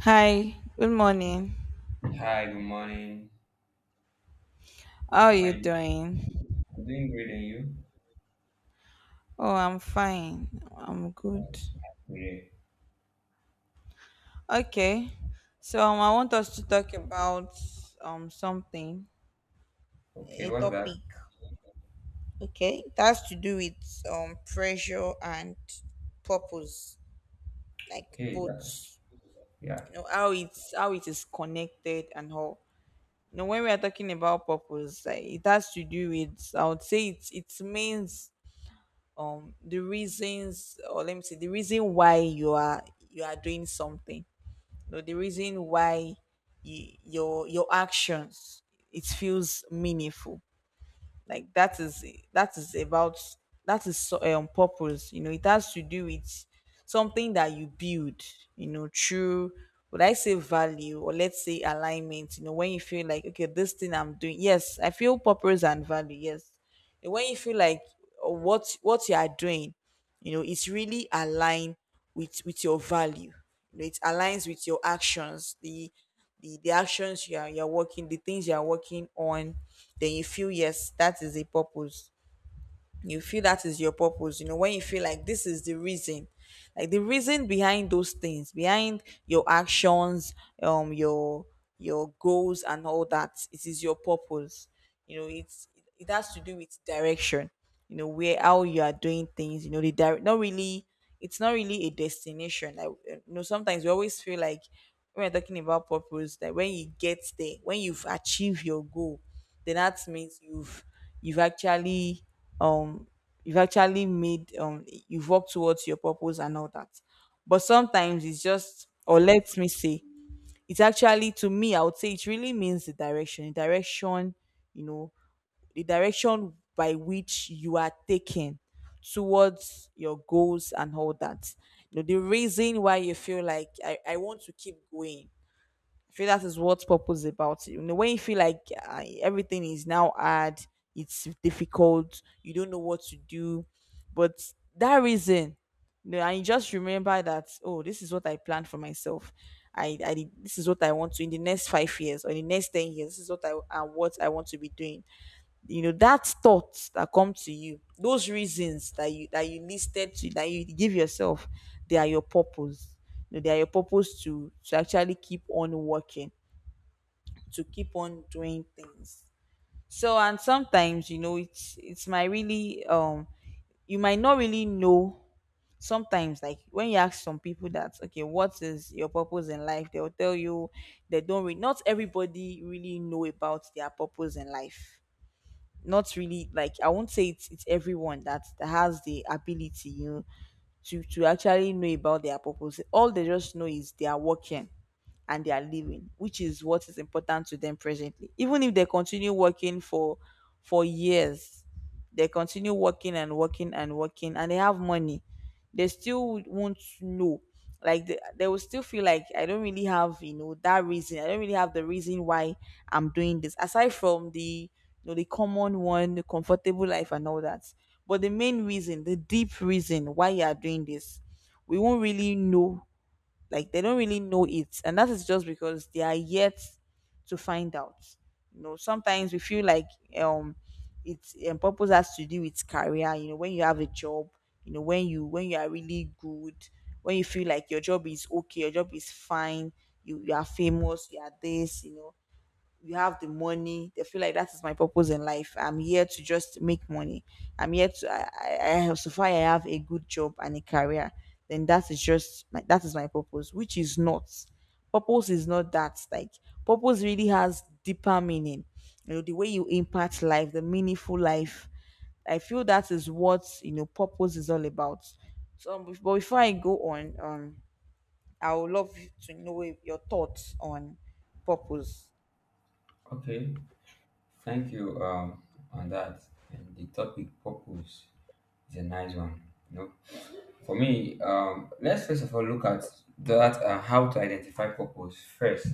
Hi, good morning. Hi, good morning. How are you Hi, doing? I'm doing great, and you? Oh, I'm fine. I'm good. Yeah. Great. Okay. So I want us to talk about something, Okay, a what's that? topic. Okay. It has to do with pressure and purpose, like Hey, that, both. yeah. You know how it is connected and how. You know when we are talking about purpose, like, it has to do with. I would say it means the reasons, or let me see, the reason why you are doing something, you know, the reason why you, your actions, it feels meaningful, like that is, that is about, that is so, on purpose. You know, it has to do with something that you build, you know, through, would I say value, or let's say alignment. You know, when you feel like, okay, this thing I'm doing, yes, I feel purpose and value, yes. And when you feel like, oh, what you are doing, you know, it's really aligned with your value, you know, it aligns with your actions, the the actions you're working, the things you are working on, then you feel, yes, that is a purpose. You feel that is your purpose. You know, when you feel like this is the reason, like the reason behind those things, behind your actions, um your your goals and all that, it is your purpose. You know, it's, it has to do with direction. You know, where, how you are doing things. You know the direct, not really, it's not really a destination. Like, you know, sometimes we always feel like, when we're talking about purpose, that when you get there, when you've achieved your goal, then that means you've actually, um you've actually made, you've worked towards your purpose and all that. But sometimes it's just, or let me say, it's actually, to me, I would say it really means the direction, the direction, you know, the direction by which you are taking towards your goals and all that. You know, the reason why you feel like I want to keep going. I feel that is what purpose is about. You know, when you feel like, everything is now hard, it's difficult, you don't know what to do, but that reason, you know, and you just remember that, oh, this is what I planned for myself. This is what I want to in the next 5 years or in the next 10 years. This is what I and what I want to be doing. You know, that thoughts that come to you, those reasons that you listed to, that you give yourself, they are your purpose. You know, they are your purpose to actually keep on working, to keep on doing things. So, and sometimes, you know, it's my really, you might not really know. Sometimes, like when you ask some people that, okay, what is your purpose in life, they'll tell you, they don't re- not everybody really know about their purpose in life. Not really. Like, I won't say it's everyone that, has the ability, you know, to actually know about their purpose. All they just know is they are working and they are living, which is what is important to them presently. Even if they continue working for years, they continue working and working and working, and they have money, they still would won't know. Like they will still feel like I don't really have, you know, that reason. I don't really have the reason why I'm doing this. Aside from the, you know, the common one, the comfortable life and all that. But the main reason, the deep reason why you are doing this, we won't really know. Like they don't really know it, and that is just because they are yet to find out. You know, sometimes we feel like, um it's purpose has to do with career. You know, when you have a job, you know, when you, when you are really good, when you feel like your job is okay, your job is fine, you are famous, you are this, you know, you have the money, they feel like that is my purpose in life. I'm here to just make money. I'm here to I have so far, I have a good job and a career, then that is just my that is my purpose, which is not, purpose is not that. Like, purpose really has deeper meaning. You know, the way you impact life, the meaningful life, I feel that is what, you know, purpose is all about. So, but before I go on, I would love to know your thoughts on purpose. Okay, thank you on that. And the topic purpose is a nice one. You know, for me, let's first of all look at that how to identify purpose first,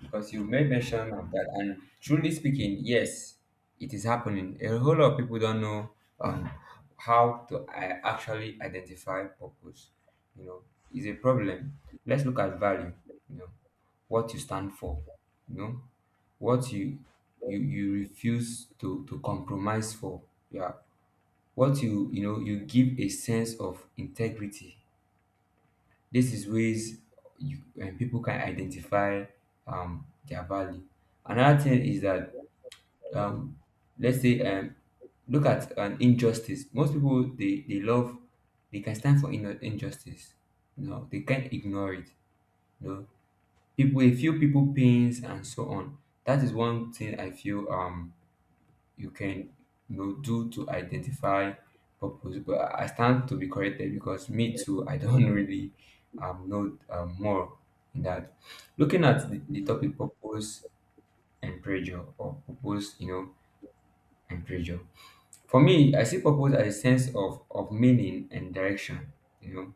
because you made mention of that. And truly speaking, yes, it is happening. A whole lot of people don't know um, how to actually identify purpose. You know, is a problem. Let's look at value. You know, what you stand for. You know, what you refuse to compromise for. Yeah, what you know you give a sense of integrity, this is ways you and people can identify their value. Another thing is that, um let's say, look at an injustice. Most people they love, they can stand for injustice, you know, they can't ignore it. You know, people they feel people pains and so on. That is one thing I feel you can, you know, do to identify purpose. But I stand to be corrected because me too, I don't really know more in that. Looking at the topic purpose and pressure, or purpose, you know, and pressure. For me, I see purpose as a sense of meaning and direction, you know,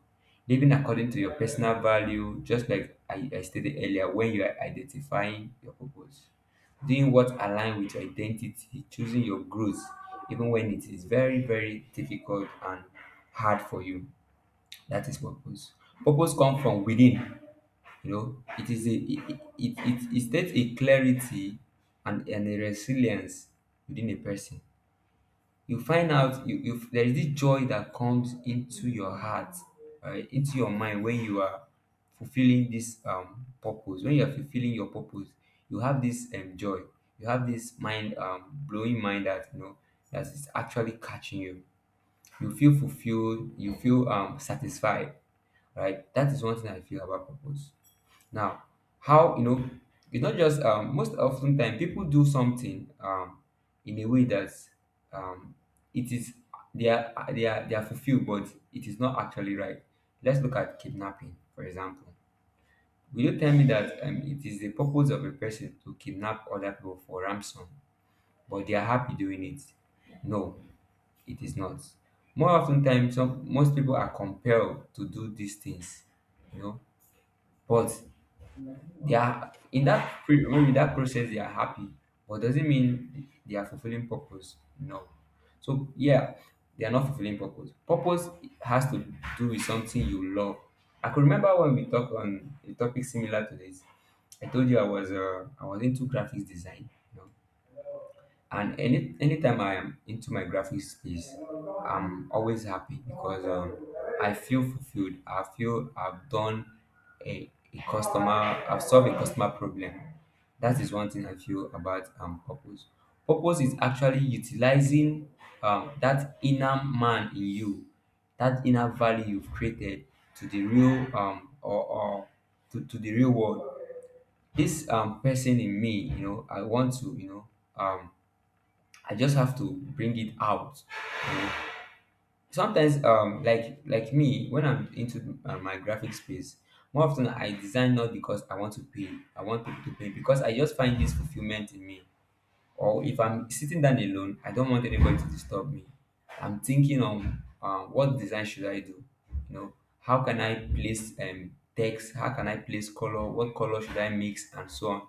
living according to your personal value, just like I stated earlier, when you are identifying your purpose, doing what aligns with your identity, choosing your growth, even when it is very, very difficult and hard for you. That is purpose. Purpose comes from within, you know, it is a it states a clarity and a resilience within a person. You find out you there is this joy that comes into your heart, right into your mind, when you are fulfilling this purpose. When you are fulfilling your purpose, you have this joy, you have this mind blowing mind that, you know, that is actually catching you. You feel fulfilled, you feel satisfied, right? That is one thing I feel about purpose. Now, how you know, it's not just most often time people do something in a way that, um it is, they are they are fulfilled, but it is not actually right. Let's look at kidnapping, for example. Will you tell me that it is the purpose of a person to kidnap other people for ransom, but they are happy doing it? No, it is not. More often times, some most people are compelled to do these things, you know, but they are in that maybe that process they are happy, but doesn't mean they are fulfilling purpose. No, so yeah, they are not fulfilling purpose. Purpose has to do with something you love. I could remember when we talked on a topic similar to this, I told you I was into graphics design, you know. And anytime I am into my graphic space, I'm always happy because, I feel fulfilled, I feel I've done a customer I've solved a customer problem. That is one thing I feel about, purpose. Purpose is actually utilizing, that inner man in you, that inner value you've created to the real or to the real world. This, person in me, you know, I want to, you know, um, I just have to bring it out, you know. Sometimes, like me, when I'm into my graphic space, more often I design not because I want to pay, I want people to pay because I just find this fulfillment in me. Or if I'm sitting down alone, I don't want anybody to disturb me. I'm thinking on, what design should I do? You know, how can I place text? How can I place color? What color should I mix? And so on.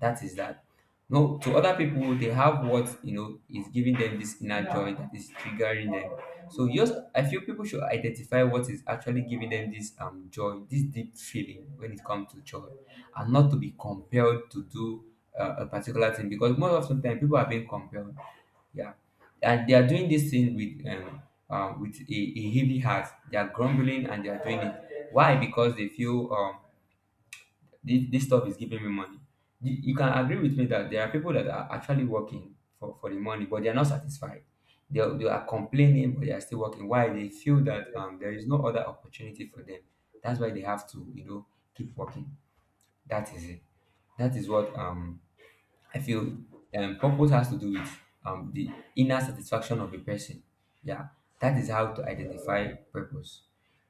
That is that. No, to other people, they have what you know is giving them this inner joy that is triggering them. So yes, I feel people should identify what is actually giving them this joy, this deep feeling when it comes to joy, and not to be compelled to do a particular thing because most of sometimes people are being compelled. Yeah, and they are doing this thing with a heavy heart. They are grumbling and they are doing it. Why? Because they feel this, this stuff is giving me money. You can agree with me that there are people that are actually working for the money, but they are not satisfied. They are complaining, but they are still working. Why? They feel that, there is no other opportunity for them. That's why they have to, you know, keep working. That is it. That is what, I feel, purpose has to do with, the inner satisfaction of a person. Yeah, that is how to identify purpose.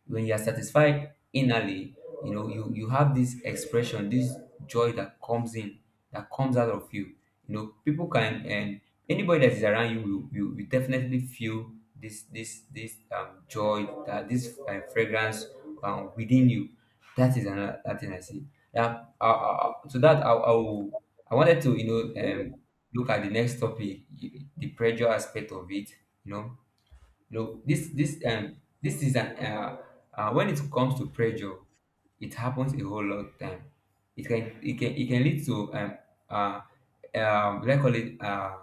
When you are satisfied innerly, you know, you have this expression, this joy that comes in, that comes out of you. You know, people can, and anybody that is around you will definitely feel this this joy, that this fragrance, within you. That is another that thing I see. Yeah, to that I will, I wanted to, you know, look at the next topic, the pressure aspect of it, you know. You know, this this is an when it comes to pressure, it happens a whole lot of time. It can it can lead to uh let's call it,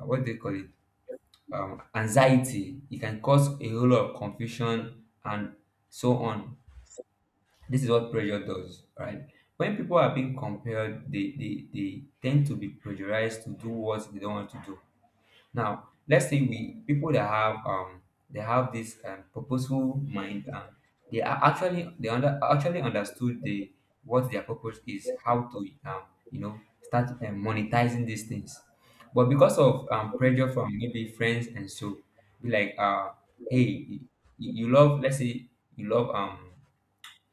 what do they call it anxiety. It can cause a whole lot of confusion and so on. This is what pressure does, right? When people are being compared, they tend to be pressurized to do what they don't want to do. Now, let's say we people that have they have this, purposeful mind, and they are actually actually understood the, what their purpose is, how to, um you know, start, monetizing these things. But because of, pressure from maybe friends and so, be like, hey, you, you love, let's say you love,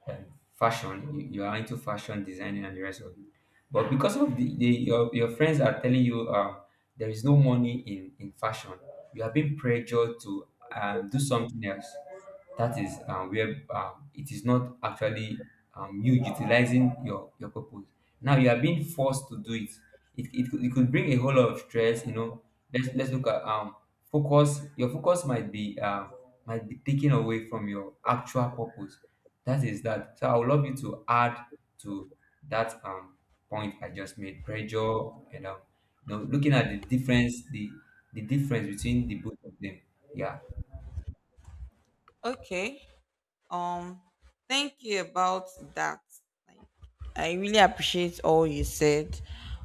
um, fashion, you are into fashion designing and the rest of it, but because of the your friends are telling you, there is no money in fashion, you are being pressured to, do something else. That is, where, it is not actually, you utilizing your purpose. Now you are being forced to do it. It could bring a whole lot of stress, you know. Let's, look at, focus. Your focus might be, might be taken away from your actual purpose. That is that. So I would love you to add to that, point I just made, pressure, and, you know, looking at the difference, the difference between the both of them. Yeah. Okay. Um, Thank you about that. Like, I really appreciate all you said.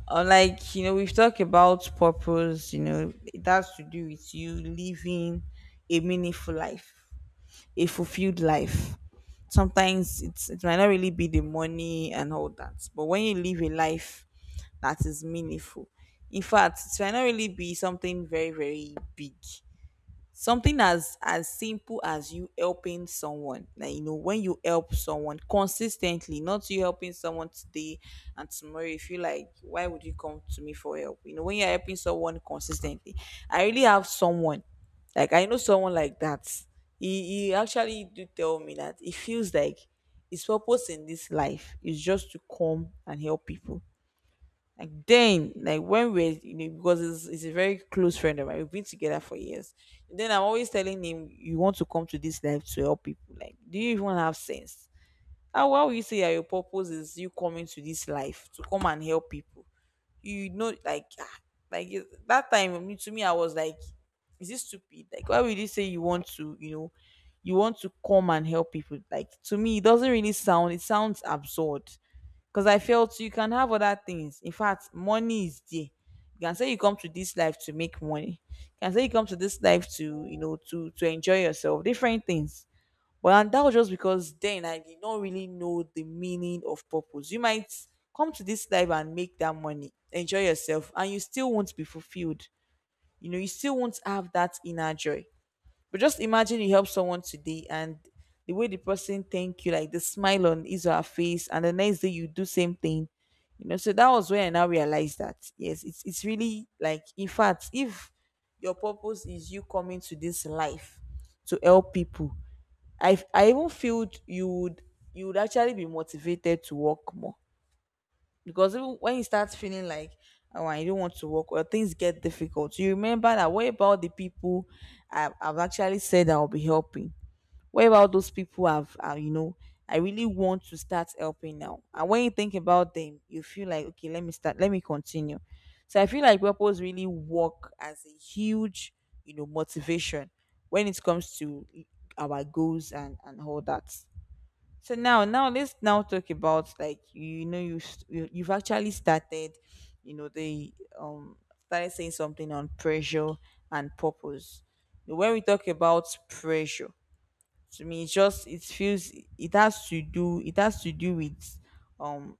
Like, you know, we've talked about purpose. You know, it has to do with you living a meaningful life, a fulfilled life. Sometimes it might not really be the money and all that, but when you live a life that is meaningful, in fact, it might not really be something very very big, something as simple as you helping someone. Like, you know, when you help someone consistently, not you helping someone today, and tomorrow you feel like, why would you come to me for help. You know, when you're helping someone consistently, I really have someone, like I know someone like that. He actually do tell me that he feels like his purpose in this life is just to come and help people. Like then, like when we're, you know, because it's a very close friend of mine, we've been together for years. Then I'm always telling him, you want to come to this life to help people. Like, do you even have sense? How, why would you say that your purpose is you coming to this life to come and help people? You know, like, ah, like to me, I was like, is this stupid? Like, why would you say you want to, you know, you want to come and help people? Like, to me, it doesn't really sound. It sounds absurd because I felt you can have other things. In fact, money is there. You can say you come to this life to make money. You can say you come to this life to, you know, to enjoy yourself, different things. But, and that was just because then I did not really know the meaning of purpose. You might come to this life and make that money, enjoy yourself, and you still won't be fulfilled. You know, you still won't have that inner joy. But just imagine you help someone today, and the way the person thank you, like the smile on his or her face, and the next day you do same thing. You know, so that was when I now realized that yes, it's really like, in fact, if your purpose is you coming to this life to help people, I even feel you would, you would actually be motivated to work more, because even when you start feeling like, oh, I don't want to work, or things get difficult, you remember that, what about the people I've actually said I'll be helping, what about those people I've, you know, I really want to start helping now, and when you think about them, you feel like, okay, let me start, let me continue. So I feel like purpose really work as a huge, you know, motivation when it comes to our goals and all that. So now let's now talk about, like, you know, you you you've actually started, you know, they started saying something on pressure and purpose. When we talk about pressure, to me it feels it has to do with um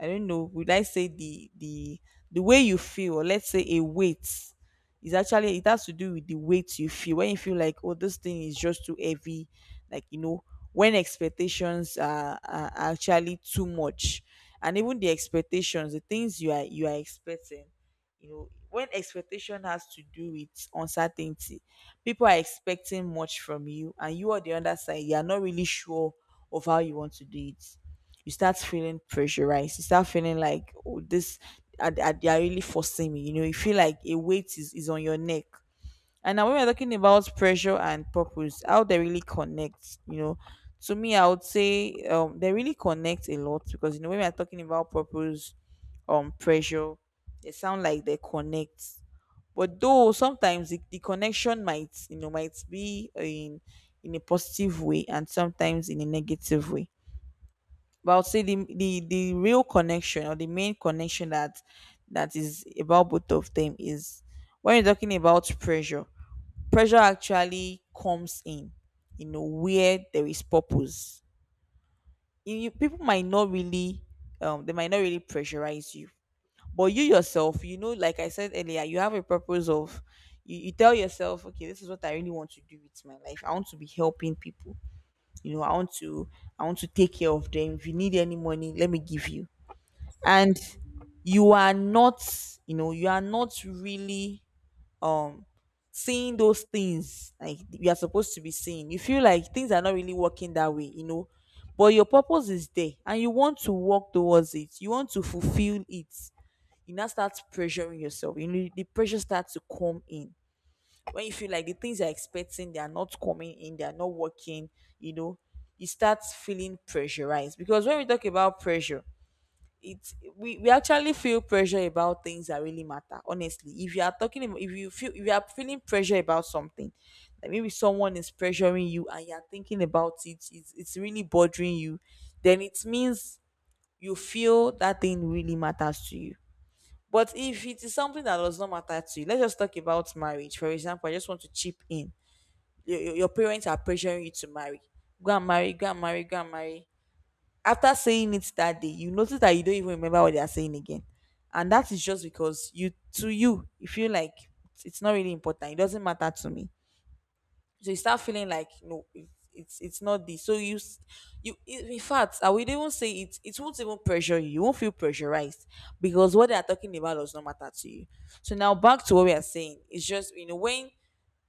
I don't know, would I say the way you feel, or let's say a weight is actually, it has to do with the weight you feel when you feel like, oh, this thing is just too heavy, like, you know, when expectations are actually too much. And even the expectations, the things you are expecting, you know, when expectation has to do with uncertainty, people are expecting much from you and you, on the other side, you are not really sure of how you want to do it. You start feeling pressurized, you start feeling like, oh, this they are really forcing me, you know, you feel like a weight is on your neck. And now when we're talking about pressure and purpose, how they really connect, you know, to me I would say they really connect a lot, because you know, when we're talking about purpose, pressure, they sound like they connect. But though sometimes the connection might, you know, might be in a positive way, and sometimes in a negative way. But I would say the real connection, or the main connection that is about both of them is, when you're talking about pressure, pressure actually comes in, you know, where there is purpose. You People might not really they might not really pressurize you, but you yourself, you know, like I said earlier, you have a purpose of, you tell yourself, okay, this is what I really want to do with my life. I want to be helping people, you know, I want to take care of them. If you need any money, let me give you. And you are not, you know, you are not really um seeing those things like you are supposed to be seeing. You feel like things are not really working that way, you know. But your purpose is there, and you want to work towards it, you want to fulfill it. You now start pressuring yourself, you know, the pressure starts to come in when you feel like the things you're expecting, they are not coming in, they are not working, you know. You start feeling pressurized, because when we talk about pressure, we actually feel pressure about things that really matter. Honestly, if you are talking about, if you feel, if you are feeling pressure about something, that maybe someone is pressuring you and you're thinking about it, it's really bothering you, then it means you feel that thing really matters to you. But if it is something that does not matter to you, let's just talk about marriage, for example, I just want to chip in. Your parents are pressuring you to marry, go and marry, go and marry, go and marry. After saying it that day, you notice that you don't even remember what they are saying again. And that is just because you, to you, you feel like it's not really important. It doesn't matter to me. So you start feeling like, no, it's not this. So in fact, I would even say it won't even pressure you. You won't feel pressurized because what they are talking about does not matter to you. So now back to what we are saying. It's just, you know, when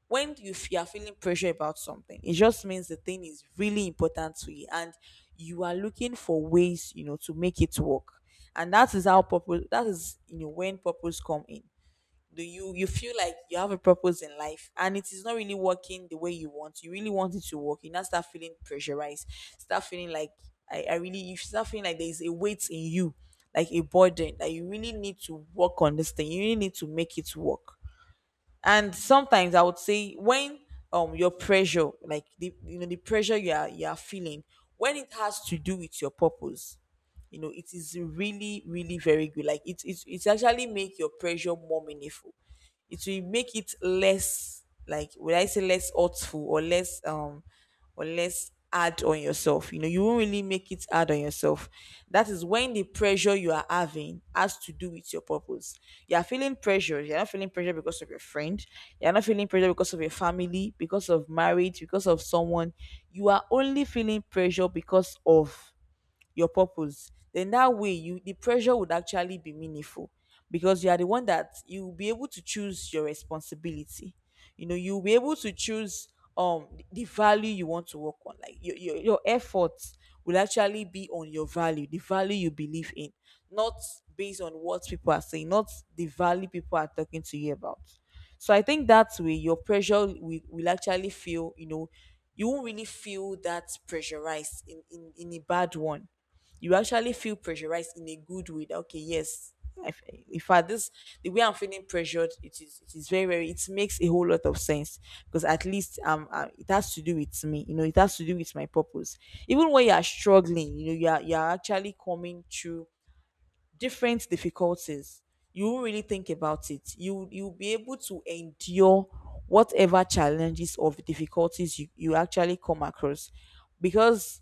you are feeling pressure about something, it just means the thing is really important to you, and you are looking for ways, you know, to make it work. And that is how purpose, that is, you know, when purpose come in. Do you You feel like you have a purpose in life, and it is not really working the way you really want it to work. You now start feeling pressurized, start feeling like, I really, you start feeling like there is a weight in you, like a burden, that you really need to work on this thing, you really need to make it work. And sometimes I would say, when your pressure, like the, you know, the pressure you are feeling, when it has to do with your purpose, you know, it is really, really very good. Like it actually make your pressure more meaningful. It will make it less, like would I say less hurtful, or less hard on yourself. You know, you won't really make it hard on yourself. That is when the pressure you are having has to do with your purpose. You are feeling pressure. You're not feeling pressure because of your friend. You're not feeling pressure because of your family, because of marriage, because of someone. You are only feeling pressure because of your purpose. Then that way you, the pressure would actually be meaningful, because you are the one that you'll be able to choose your responsibility. You know, you'll be able to choose the value you want to work on. Like your efforts will actually be on your value, the value you believe in, not based on what people are saying, not the value people are talking to you about. So I think that way your pressure will actually feel, you know, you won't really feel that pressurized in a bad one. You actually feel pressurized in a good way, that okay, yes, I f in fact this, the way I'm feeling pressured, it is very, very, it makes a whole lot of sense, because at least it has to do with me, you know, it has to do with my purpose. Even when you are struggling, you know, you are actually coming through different difficulties. You won't really think about it, you'll be able to endure whatever challenges or difficulties you actually come across, because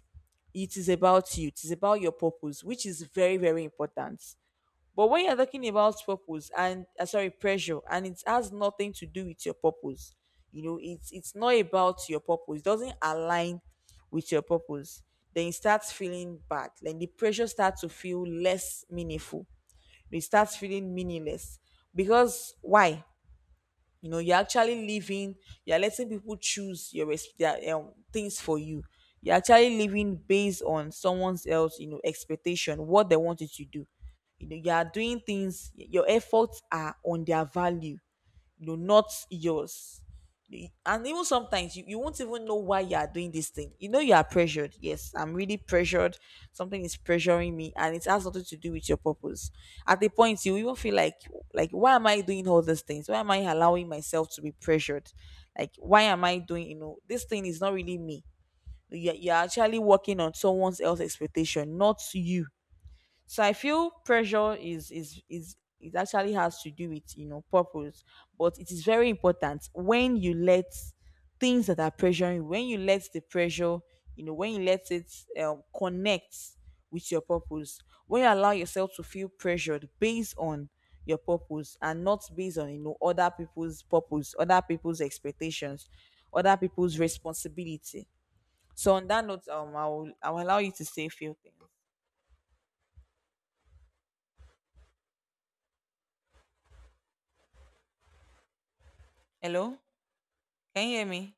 it is about you, it is about your purpose, which is very, very important. But when you're talking about purpose and sorry pressure, and it has nothing to do with your purpose, you know, it's not about your purpose, it doesn't align with your purpose, then you start feeling bad, then the pressure starts to feel less meaningful, it starts feeling meaningless. Because why? You know, you're actually living, you're letting people choose their, things for you. You're actually living based on someone else, you know, expectation, what they want you to do. You know, you are doing things, your efforts are on their value, no, not yours. And even sometimes, you won't even know why you are doing this thing. You know, you are pressured, yes, I'm really pressured, something is pressuring me, and it has nothing to do with your purpose. At the point you even feel like why am I doing all these things? Why am I allowing myself to be pressured? Like, why am I doing, you know, this thing is not really me. You're actually working on someone else's expectation, not you. So I feel pressure is it actually has to do with, you know, purpose. But it is very important when you let things that are pressuring you, when you let the pressure, you know, when you let it connect with your purpose, when you allow yourself to feel pressured based on your purpose, and not based on, you know, other people's purpose, other people's expectations, other people's responsibility. So on that note, I will allow you to say a few things. Hello, can you hear me?